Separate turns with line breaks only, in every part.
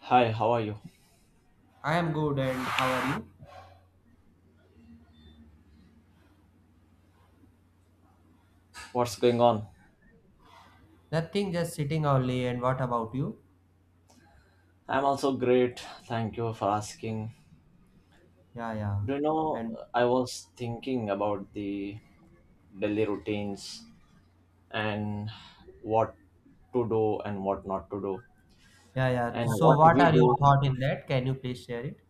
Hi, how are you?
I am good, and how are you?
What's going on?
Nothing, just sitting only. And what about you?
I'm also great. Thank you for asking.
Yeah, yeah.
Do you know,
And
I was thinking about the daily routines and what to do and what not to do
Yeah, yeah.
and
So,
what
what
we
are your
do.
thoughts in that? Can you please share it?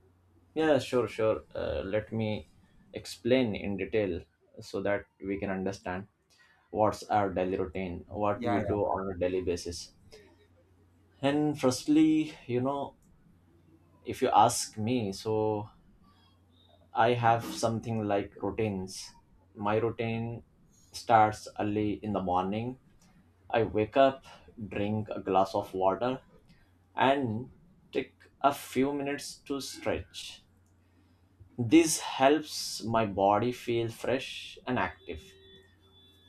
Yeah, sure, sure. Let me explain in detail so that we can understand what's our daily routine, what
Yeah,
we do
yeah.
on a daily basis. And firstly, if you ask me, so I have something like routines. My routine starts early in the morning. I wake up, drink a glass of water, and take a few minutes to stretch. This helps my body feel fresh and active.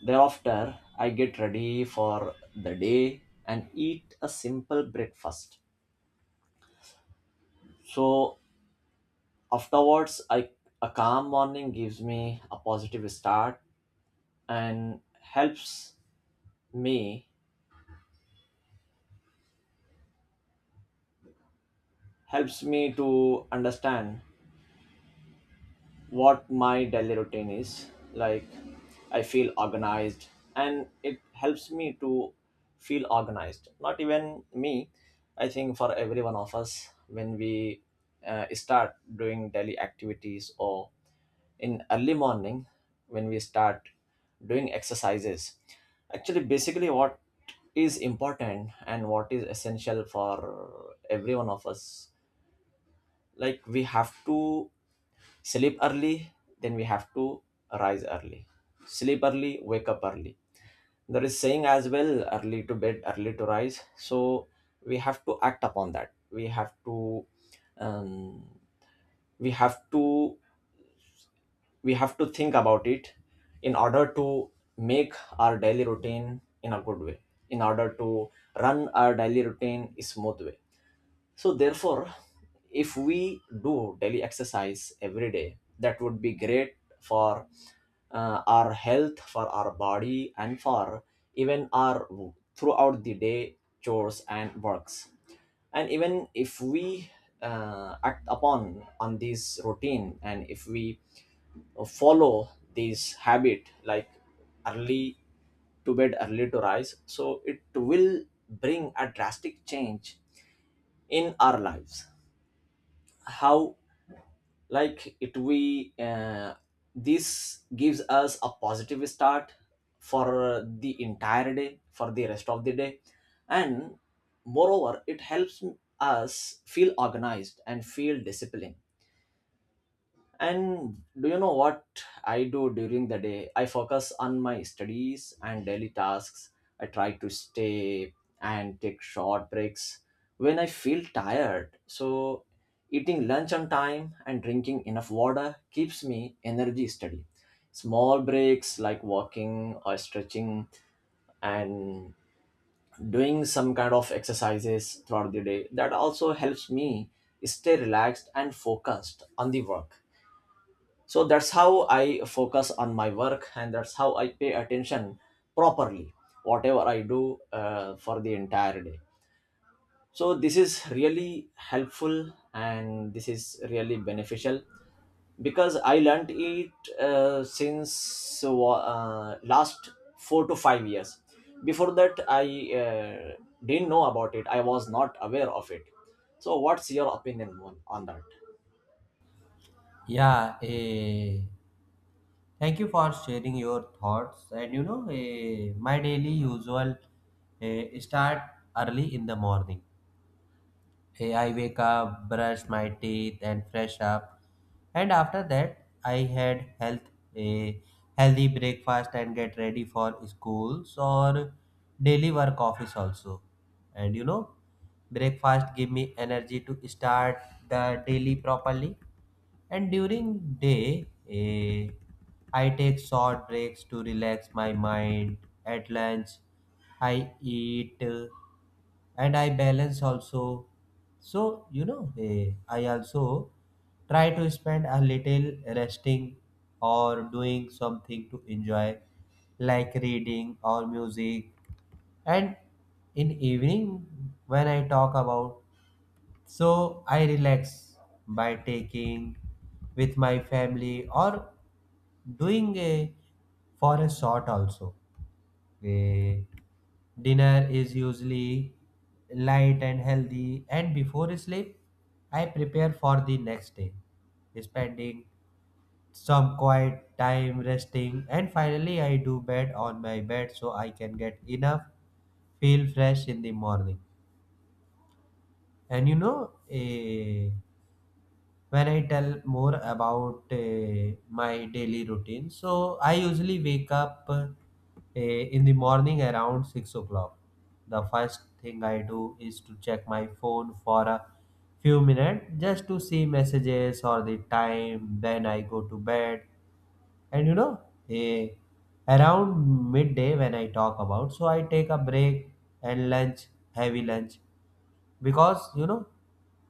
Thereafter, I get ready for the day and eat a simple breakfast. So, afterwards, I, a calm morning gives me a positive start and me helps me to understand what my daily routine is like. I feel organized, and it helps me to feel organized, not even me. I think for every one of us, when we start doing daily activities or in early morning, when we start doing exercises, actually basically what is important and what is essential for every one of us, like we have to sleep early, then we have to rise early, sleep early, wake up early. There is saying as well, early to bed, early to rise. So we have to act upon that. Um, we have to we have to think about it in order to make our daily routine in a good way, in order to run our daily routine a smooth way. So therefore, if we do daily exercise every day, that would be great for our health, for our body, and for even our throughout the day chores and works. And even if we act upon on this routine, and if we follow this habit, like early to bed, early to rise, so it will bring a drastic change in our lives. How, like it we this gives us a positive start for the entire day, for the rest of the day, and moreover it helps us feel organized and feel disciplined. And do you know what I do during the day? I focus on my studies and daily tasks. I try to stay and take short breaks when I feel tired. So, eating lunch on time and drinking enough water keeps me energy steady. Small breaks like walking or stretching and doing some kind of exercises throughout the day, that also helps me stay relaxed and focused on the work. So that's how I focus on my work, and that's how I pay attention properly, whatever I do for the entire day. So this is really helpful and this is really beneficial, because I learned it since last 4 to 5 years. Before that I uh, didn't know about it, I was not aware of it. So what's your opinion on that?
Yeah, thank you for sharing your thoughts. And you know, my daily usual start early in the morning. Hey, I wake up, brush my teeth, and fresh up. And after that, I had health a healthy breakfast and get ready for schools or daily work office also. And you know, breakfast give me energy to start the daily properly. And during day, I take short breaks to relax my mind. At lunch, I eat and I balance also. So you know, I also try to spend a little resting or doing something to enjoy, like reading or music. And in evening, when I talk about, so I relax by taking with my family or doing a for a short also. A dinner is usually light and healthy, and before sleep I prepare for the next day, spending some quiet time resting, and finally I do bed on my bed so I can get enough feel fresh in the morning. And you know, a when I tell more about my daily routine, so I usually wake up in the morning around 6 o'clock. The first thing I do is to check my phone for a few minutes just to see messages or the time. Then I go to bed. And you know, eh, around midday when I talk about, so I take a break and lunch, heavy lunch, because you know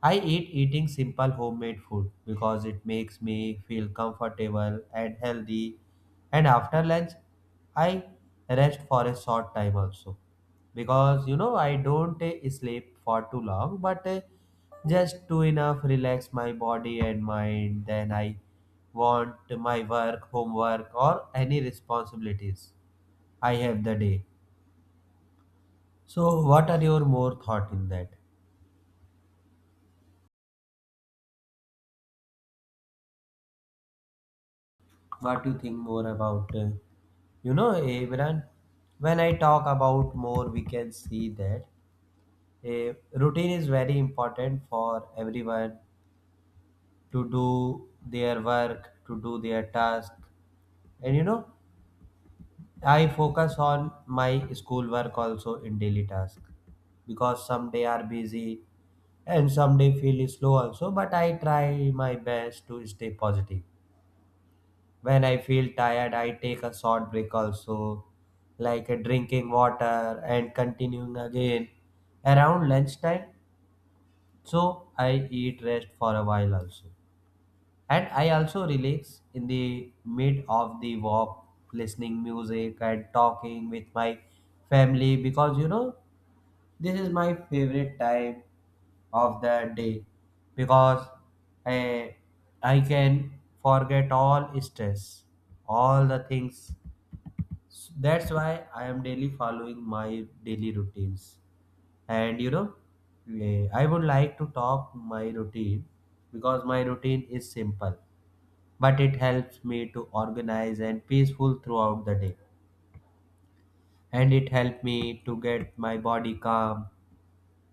I eating simple homemade food because it makes me feel comfortable and healthy. And after lunch, I rest for a short time also, because you know I don't sleep for too long, but just to enough relax my body and mind, then I want my work, homework, or any responsibilities I have the day. So what are your more thought in that? What do you think more about, you know, Abraham? When I talk about more, we can see that a routine is very important for everyone, to do their work, to do their task. And you know, I focus on my school work also, in daily task, because some day are busy and some day feel slow also, but I try my best to stay positive. When I feel tired, I take a short break also, like drinking water and continuing again around lunchtime. So I eat rest for a while also. And I also relax in the mid of the walk, listening music and talking with my family, because you know, this is my favorite time of the day, because I, I can forget all stress, all the things. That's why I am daily following my daily routines. And you know, I would like to talk my routine, because my routine is simple, but it helps me to organize and peaceful throughout the day. And it helped me to get my body calm.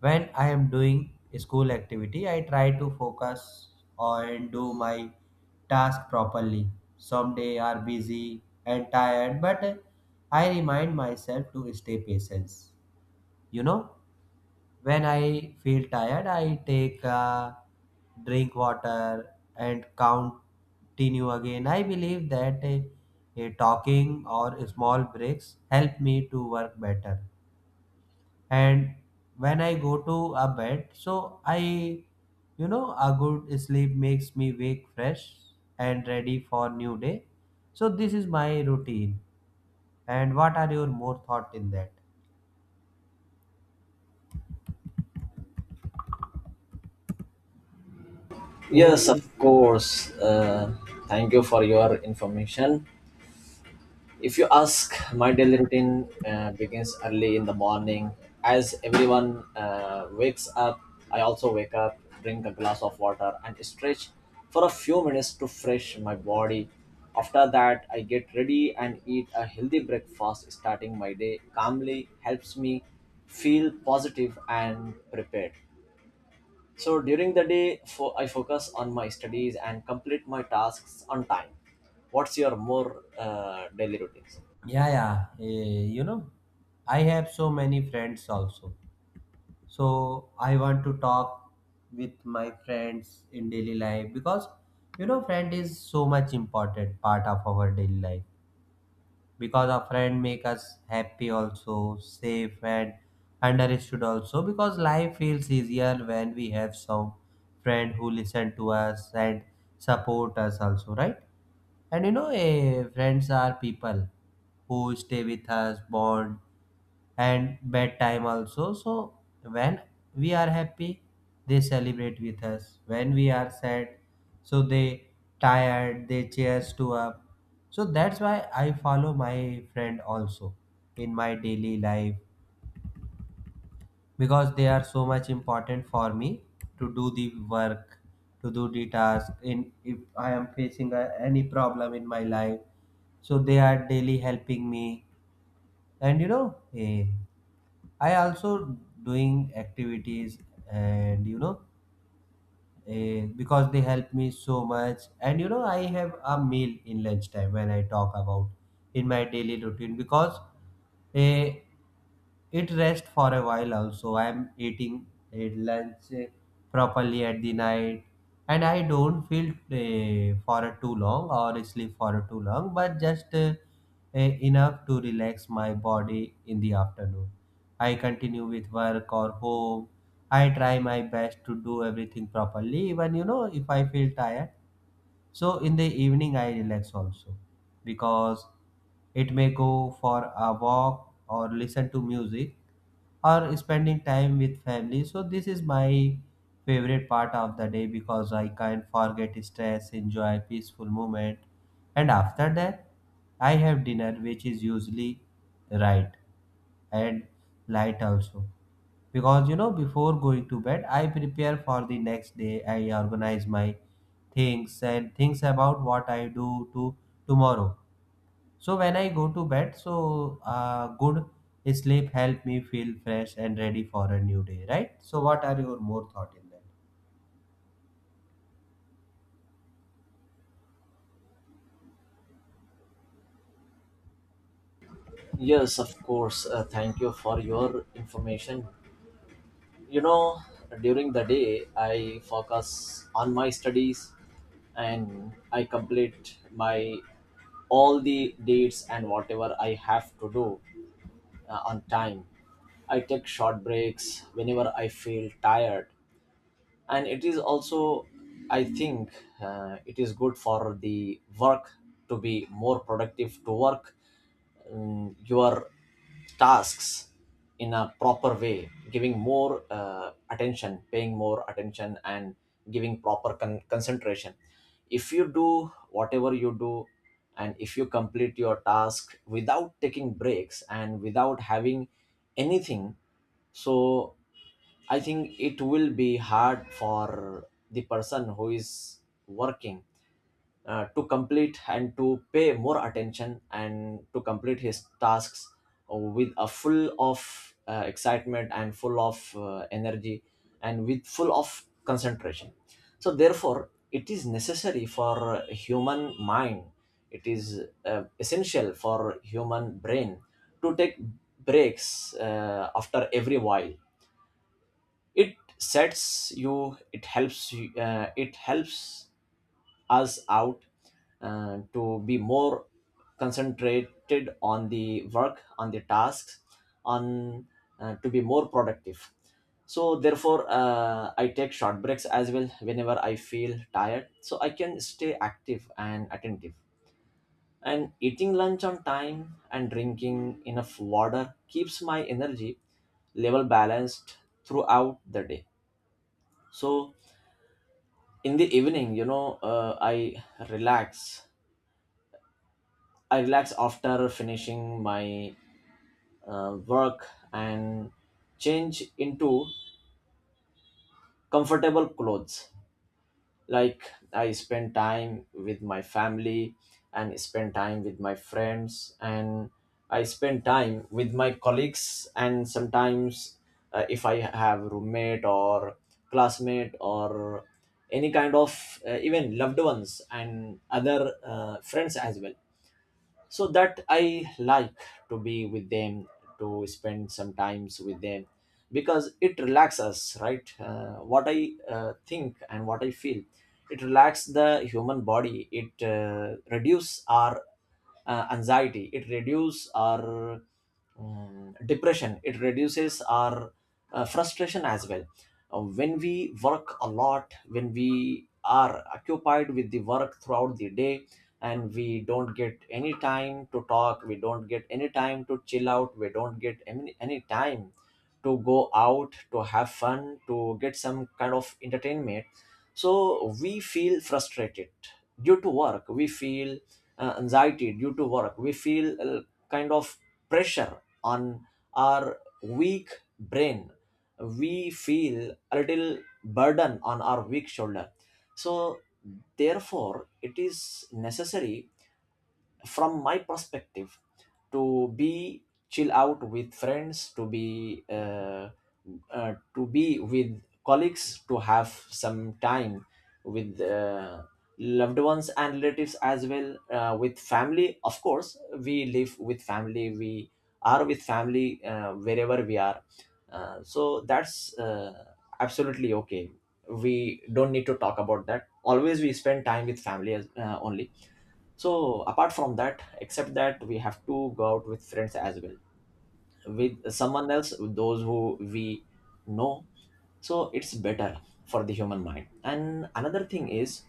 When I am doing school activity, I try to focus on do my task properly. Some day are busy and tired, but I remind myself to stay patient. You know, when I feel tired, I take a drink water and continue again. I believe that talking or small breaks help me to work better. And when I go to a bed, so I, you know, a good sleep makes me wake fresh and ready for new day. So this is my routine, and what are your more thought in that?
Yes, of
Okay.
course. Thank you for your information. If you ask, my daily routine begins early in the morning. As everyone wakes up, I also wake up, drink a glass of water, and stretch for a few minutes to fresh my body. After that, I get ready and eat a healthy breakfast. Starting my day calmly helps me feel positive and prepared. So during the day, I focus on my studies and complete my tasks on time. What's your more daily routines?
Yeah, yeah, you know, I have so many friends also, so I want to talk with my friends in daily life, because you know, friend is so much important part of our daily life, because our friend make us happy, also safe and understood also, because life feels easier when we have some friend who listen to us and support us also, right? And you know, friends are people who stay with us, bond and bedtime also. So when we are happy, they celebrate with us. When we are sad, so they tired, they cheers to up. So that's why I follow my friend also in my daily life, because they are so much important for me to do the work, to do the task. In If I am facing any problem in my life, so they are daily helping me. And you know, I also doing activities. And you know, because they help me so much. And you know, I have a meal in lunchtime when I talk about, in my daily routine, because eh, it rests for a while also. I am eating lunch properly at the night, and I don't feel for a too long or sleep for a too long, but just enough to relax my body. In the afternoon I continue with work or home. I try my best to do everything properly, even you know if I feel tired. So in the evening, I relax also, because it may go for a walk or listen to music or spending time with family. So this is my favorite part of the day, because I can't forget stress, enjoy peaceful moment. And after that, I have dinner, which is usually right and light also. Because you know, before going to bed, I prepare for the next day, I organize my things and things about what I do to tomorrow. So when I go to bed, so good sleep help me feel fresh and ready for a new day, right? So what are your more thought in that?
Yes, of course. Thank you for your information. You know, during the day, I focus on my studies and I complete my all the dates and whatever I have to do on time. I take short breaks whenever I feel tired, and it is also, I think, it is good for the work, to be more productive, to work your tasks in a proper way, giving more attention, paying more attention and giving proper concentration. If you do whatever you do, and if you complete your task without taking breaks and without having anything, so I think it will be hard for the person who is working to complete and to pay more attention and to complete his tasks with a full of excitement and full of energy and with full of concentration. So therefore, it is necessary for human mind. It is essential for human brain to take breaks after every while. It sets you, it helps us out to be more concentrated on the work, on the tasks, on to be more productive. So therefore I take short breaks as well whenever I feel tired, so I can stay active and attentive. And eating lunch on time and drinking enough water keeps my energy level balanced throughout the day. So in the evening, you know, relax I relax after finishing my work and change into comfortable clothes. Like, I spend time with my family and spend time with my friends and I spend time with my colleagues, and sometimes if I have roommate or classmate or any kind of even loved ones and other friends as well, so that I like to be with them, to spend some times with them, because it relaxes us, right? What I think and what I feel, it relaxes the human body. It reduce our anxiety, it reduces our depression, it reduces our frustration as well. When we work a lot, when we are occupied with the work throughout the day, and we don't get any time to talk, we don't get any time to chill out, we don't get any time to go out, to have fun, to get some kind of entertainment. So we feel frustrated due to work, we feel anxiety due to work, we feel kind of pressure on our weak brain. We feel a little burden on our weak shoulder. So therefore it is necessary, from my perspective, to be chill out with friends, to be with colleagues, to have some time with loved ones and relatives as well, with family. Of course, we live with family, we are with family wherever we are. So that's absolutely okay. We don't need to talk about that always. We spend time with family as, only. So apart from that, except that, we have to go out with friends as well, with someone else, those who we know. So it's better for the human mind. And another thing is,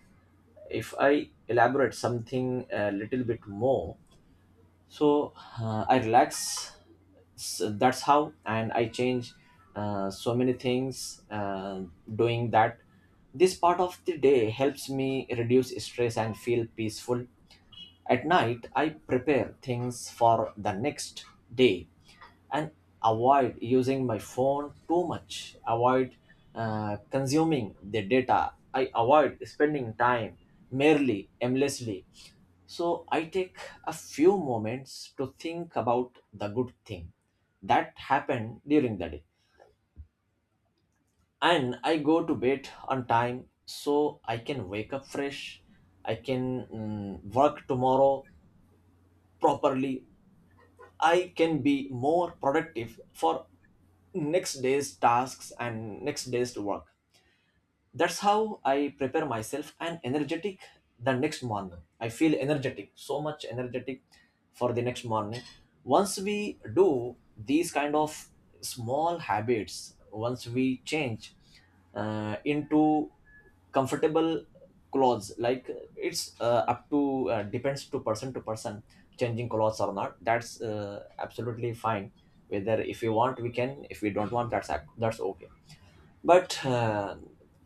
if I elaborate something a little bit more, so I relax. So that's how, and I change so many things doing that. This part of the day helps me reduce stress and feel peaceful. At night, I prepare things for the next day and avoid using my phone too much, avoid consuming the data. I avoid spending time merely aimlessly. So I take a few moments to think about the good thing that happened during the day. And I go to bed on time so I can wake up fresh. I can work tomorrow properly. I can be more productive for next day's tasks and next day's work. That's how I prepare myself and energetic. The next morning I feel energetic, so much energetic, for the next morning. Once we do these kind of small habits, once we change into comfortable clothes, like it's up to depends to person to person. Changing clothes or not, that's absolutely fine. Whether if you want, we can, if we don't want, that's okay. But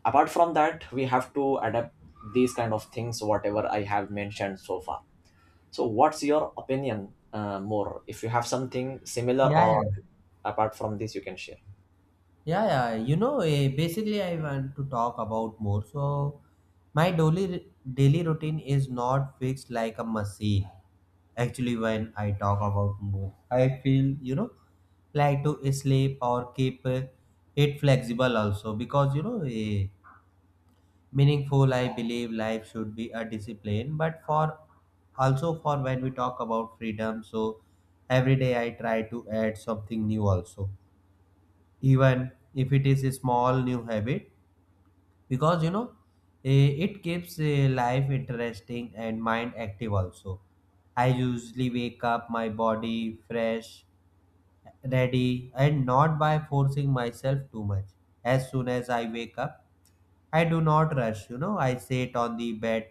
apart from that, we have to adapt these kind of things, whatever I have mentioned so far. So what's your opinion more, if you have something similar
Yeah,
or
yeah.
apart from this, you can share.
Yeah, yeah. You know, basically, I want to talk about more. So, my daily routine is not fixed like a machine. Actually, when I talk about more, I feel you know, like to sleep or keep it flexible also, because you know, meaningful. I believe life should be a discipline, but for also for, when we talk about freedom, so every day I try to add something new also, even if it is a small new habit, because you know, it keeps, life interesting and mind active also. I usually wake up my body fresh, ready, and not by forcing myself too much. As soon as I wake up, I do not rush, you know, I sit on the bed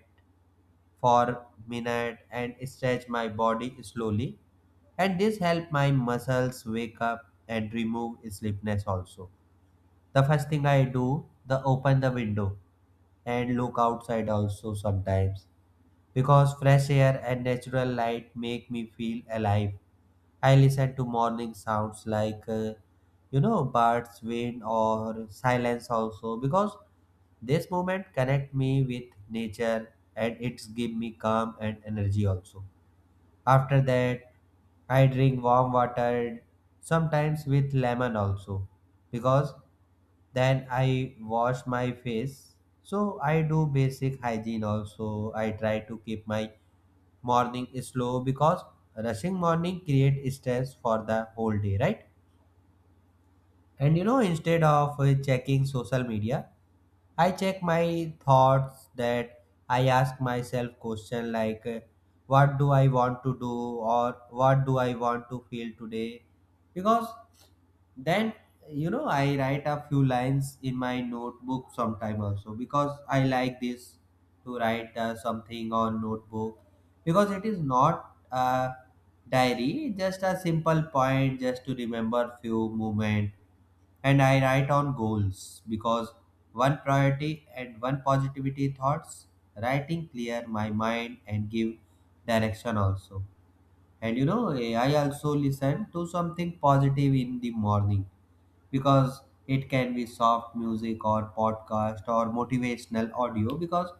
for minute and stretch my body slowly, and this help my muscles wake up and remove sleepiness also. The first thing I do, the open the window and look outside also sometimes, because fresh air and natural light make me feel alive. I listen to morning sounds like, you know, birds, wind, or silence also, because this moment connect me with nature, and it's give me calm and energy also. After that, I drink warm water, sometimes with lemon also, because then I wash my face. So I do basic hygiene also. I try to keep my morning slow, because rushing morning create stress for the whole day, right? And you know, instead of checking social media, I check my thoughts. That I ask myself question like, what do I want to do, or what do I want to feel today? Because then you know, I write a few lines in my notebook sometime also, because I like this, to write something on notebook, because it is not a diary, just a simple point, just to remember few moment. And I write on goals, because one priority and one positivity thoughts, writing clear my mind and give direction also. And you know, I also listen to something positive in the morning, because it can be soft music or podcast or motivational audio, because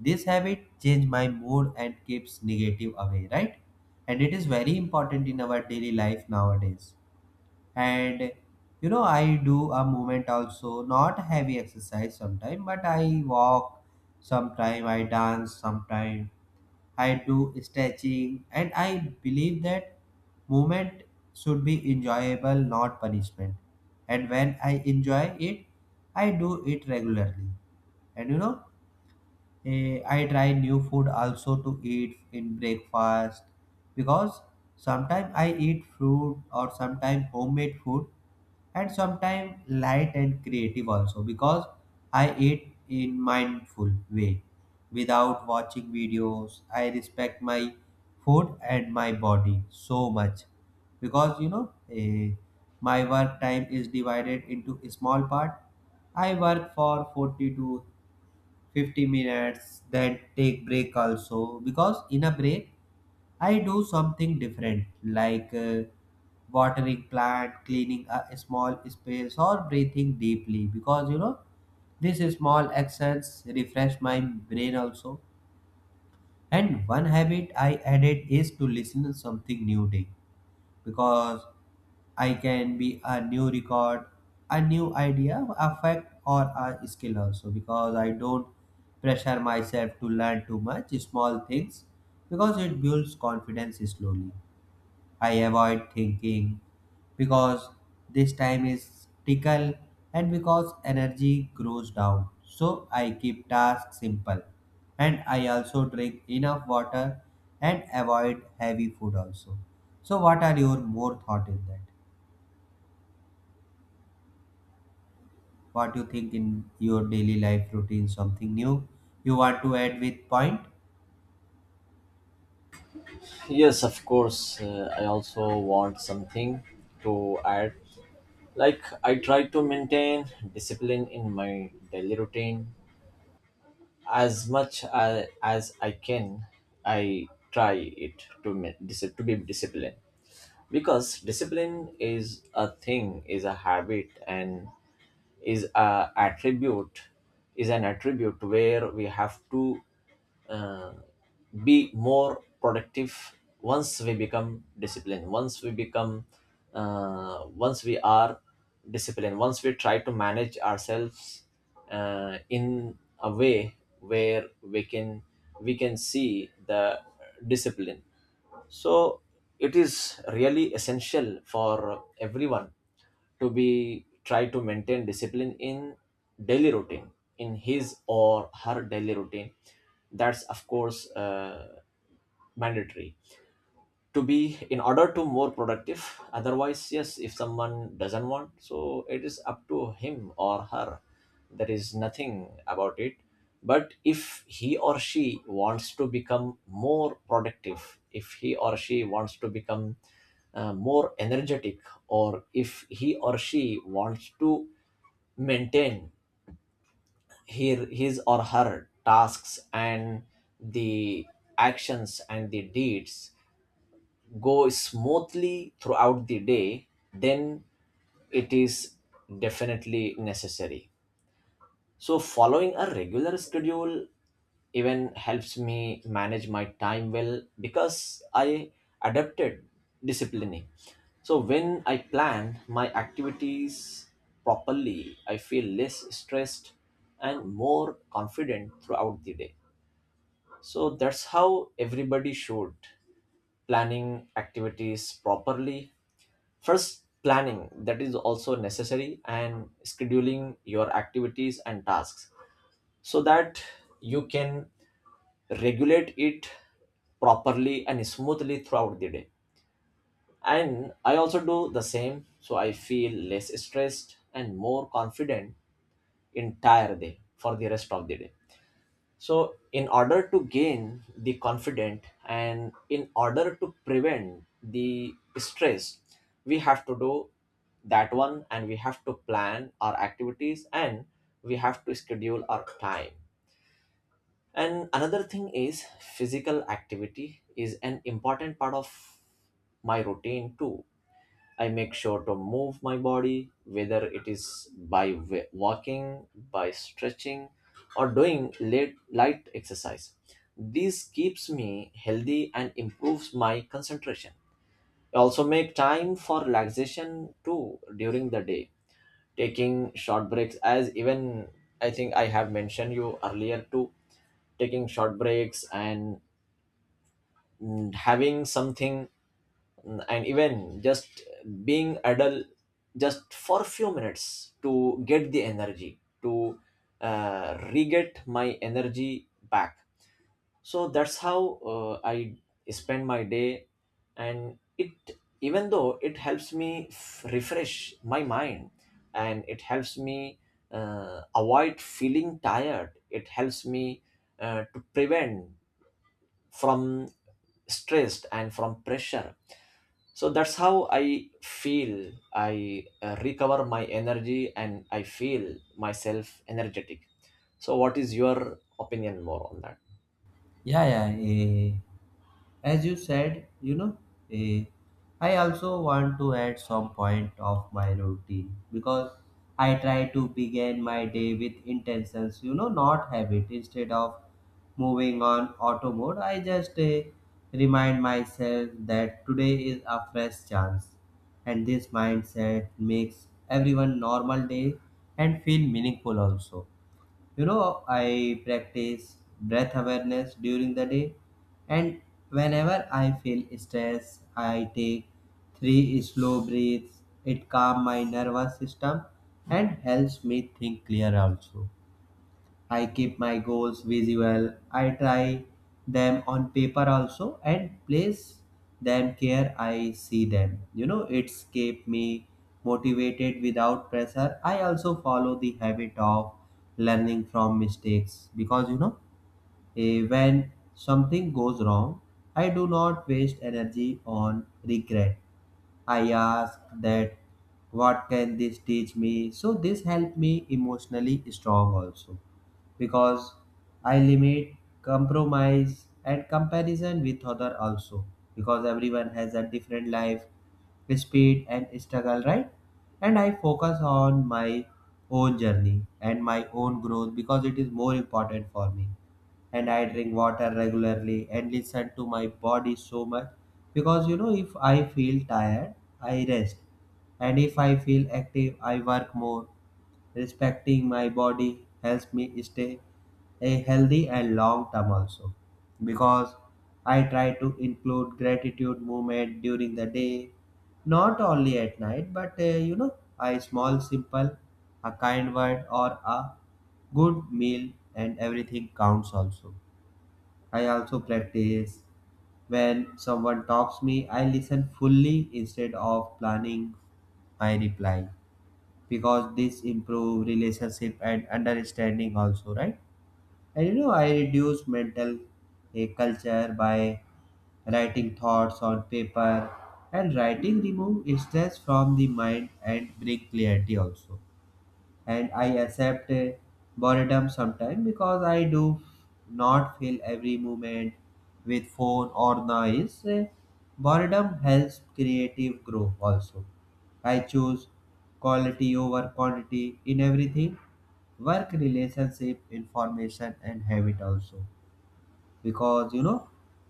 this habit change my mood and keeps negative away, right? And it is very important in our daily life nowadays. And you know, I do a movement also, not heavy exercise sometime, but I walk sometime, I dance sometime, I do stretching. And I believe that movement should be enjoyable, not punishment, and when I enjoy it, I do it regularly. And you know, I try new food also to eat in breakfast, because sometimes I eat fruit or sometimes homemade food, and sometimes light and creative also, because I eat in mindful way without watching videos. I respect my food and my body so much. Because you know, my work time is divided into small part. I work for 40 to 50 minutes, then take break also because in a break I do something different like watering plant, cleaning a small space, or breathing deeply because you know these small actions refresh my brain also. And one habit I added is to listen to something new day because I can be a new record, a new idea, a fact, or a skill also. Because I don't pressure myself to learn too much small things because it builds confidence slowly. I avoid thinking because this time is tickle and because energy grows down. So I keep tasks simple and I also drink enough water and avoid heavy food also. So what are your more thought in that? What you think in your daily life routine something new you want to add with point?
Yes, of course. I also want something to add. Like, I try to maintain discipline in my daily routine as much as I can. I try it to to be disciplined, because discipline is a thing, is a habit, and is a attribute is an attribute where we have to uh, be more productive. Once we become disciplined, once we become once we are disciplined, once we try to manage ourselves in a way where we can see the discipline. So it is really essential for everyone to be try to maintain discipline in daily routine, in his or her daily routine. That's of course mandatory to be, in order to more productive. Otherwise, yes, if someone doesn't want, so it is up to him or her. There is nothing about it. But if he or she wants to become more productive, if he or she wants to become more energetic, or if he or she wants to maintain her, his or her tasks and the actions and the deeds go smoothly throughout the day, then it is definitely necessary. So, following a regular schedule even helps me manage my time well, because I adapted disciplining. So, when I plan my activities properly, I feel less stressed and more confident throughout the day. So, that's how everybody should planning activities properly. First, planning, that is also necessary, and scheduling your activities and tasks so that you can regulate it properly and smoothly throughout the day. And I also do the same so I feel less stressed and more confident entire day for the rest of the day. So, in order to gain the confidence, and in order to prevent the stress, we have to do that one, and we have to plan our activities and we have to schedule our time. And another thing is, physical activity is an important part of my routine too. I make sure to move my body, whether it is by walking, by stretching, or doing light exercise. This keeps me healthy and improves my concentration. I also make time for relaxation too during the day, taking short breaks, as even I think I have mentioned you earlier too, taking short breaks and having something. And even just being adult just for a few minutes to get the energy to re-get my energy back. So that's how I spend my day, and it, even though it helps me refresh my mind, and it helps me avoid feeling tired, it helps me to prevent from stressed and from pressure. So that's how I feel, I recover my energy and I feel myself energetic. So what is your opinion more on that?
Yeah, yeah. Eh. As you said, you know, eh, I also want to add some point of my routine because I try to begin my day with intentions, you know, not habit. Instead of moving on auto mode, I just remind myself that today is a fresh chance, and this mindset makes everyone normal day and feel meaningful also. You know, I practice breath awareness during the day, and whenever I feel stress, I take 3 slow breaths. It calms my nervous system and helps me think clear also. I keep my goals visual. I try them on paper also and place them care I see them. You know, it's keep me motivated without pressure. I also follow the habit of learning from mistakes because when something goes wrong, I do not waste energy on regret. I ask that, what can this teach me? So this helped me emotionally strong also. Because I limit compromise and comparison with other also because everyone has a different life speed and struggle, right? And I focus on my own journey and my own growth because it is more important for me. And I drink water regularly and listen to my body so much because you know if I feel tired I rest, and if I feel active I work more. Respecting my body helps me stay a healthy and long term also. Because I try to include gratitude movement during the day, not only at night, but you know, a small simple, a kind word or a good meal, and everything counts also. I also practice. When someone talks me, I listen fully instead of planning my reply because this improve relationship and understanding also, right? And you know, I reduce mental culture by writing thoughts on paper, and writing remove stress from the mind and bring clarity also. And I accept boredom sometimes because I do not fill every moment with phone or noise. Boredom helps creative growth also. I choose quality over quantity in everything, work, relationship, information, and habit also. Because you know,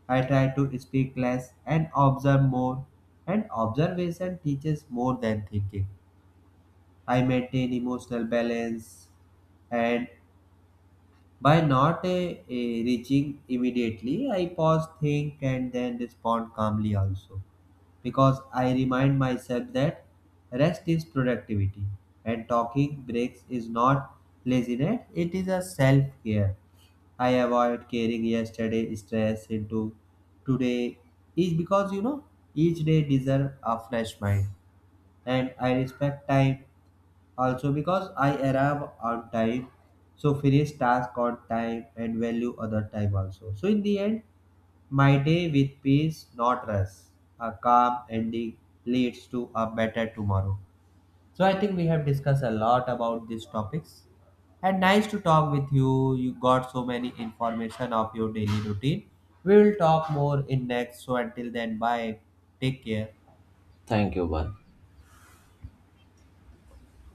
I try to speak less and observe more, and observation teaches more than thinking. I maintain emotional balance, and by not reaching immediately, I pause, think, and then respond calmly also. Because I remind myself that rest is productivity, and talking breaks is not laziness, it is a self care. I avoid carrying yesterday stress into today is because you know each day deserve a fresh mind. And I respect time also, because I arrive on time, so finish task on time and value other time also. So in the end, my day with peace, not rest, a calm ending leads to a better tomorrow. So I think we have discussed a lot about these topics. And nice to talk with you. You got so many information of your daily routine. We will talk more in next. So until then, bye. Take care.
Thank you, bye.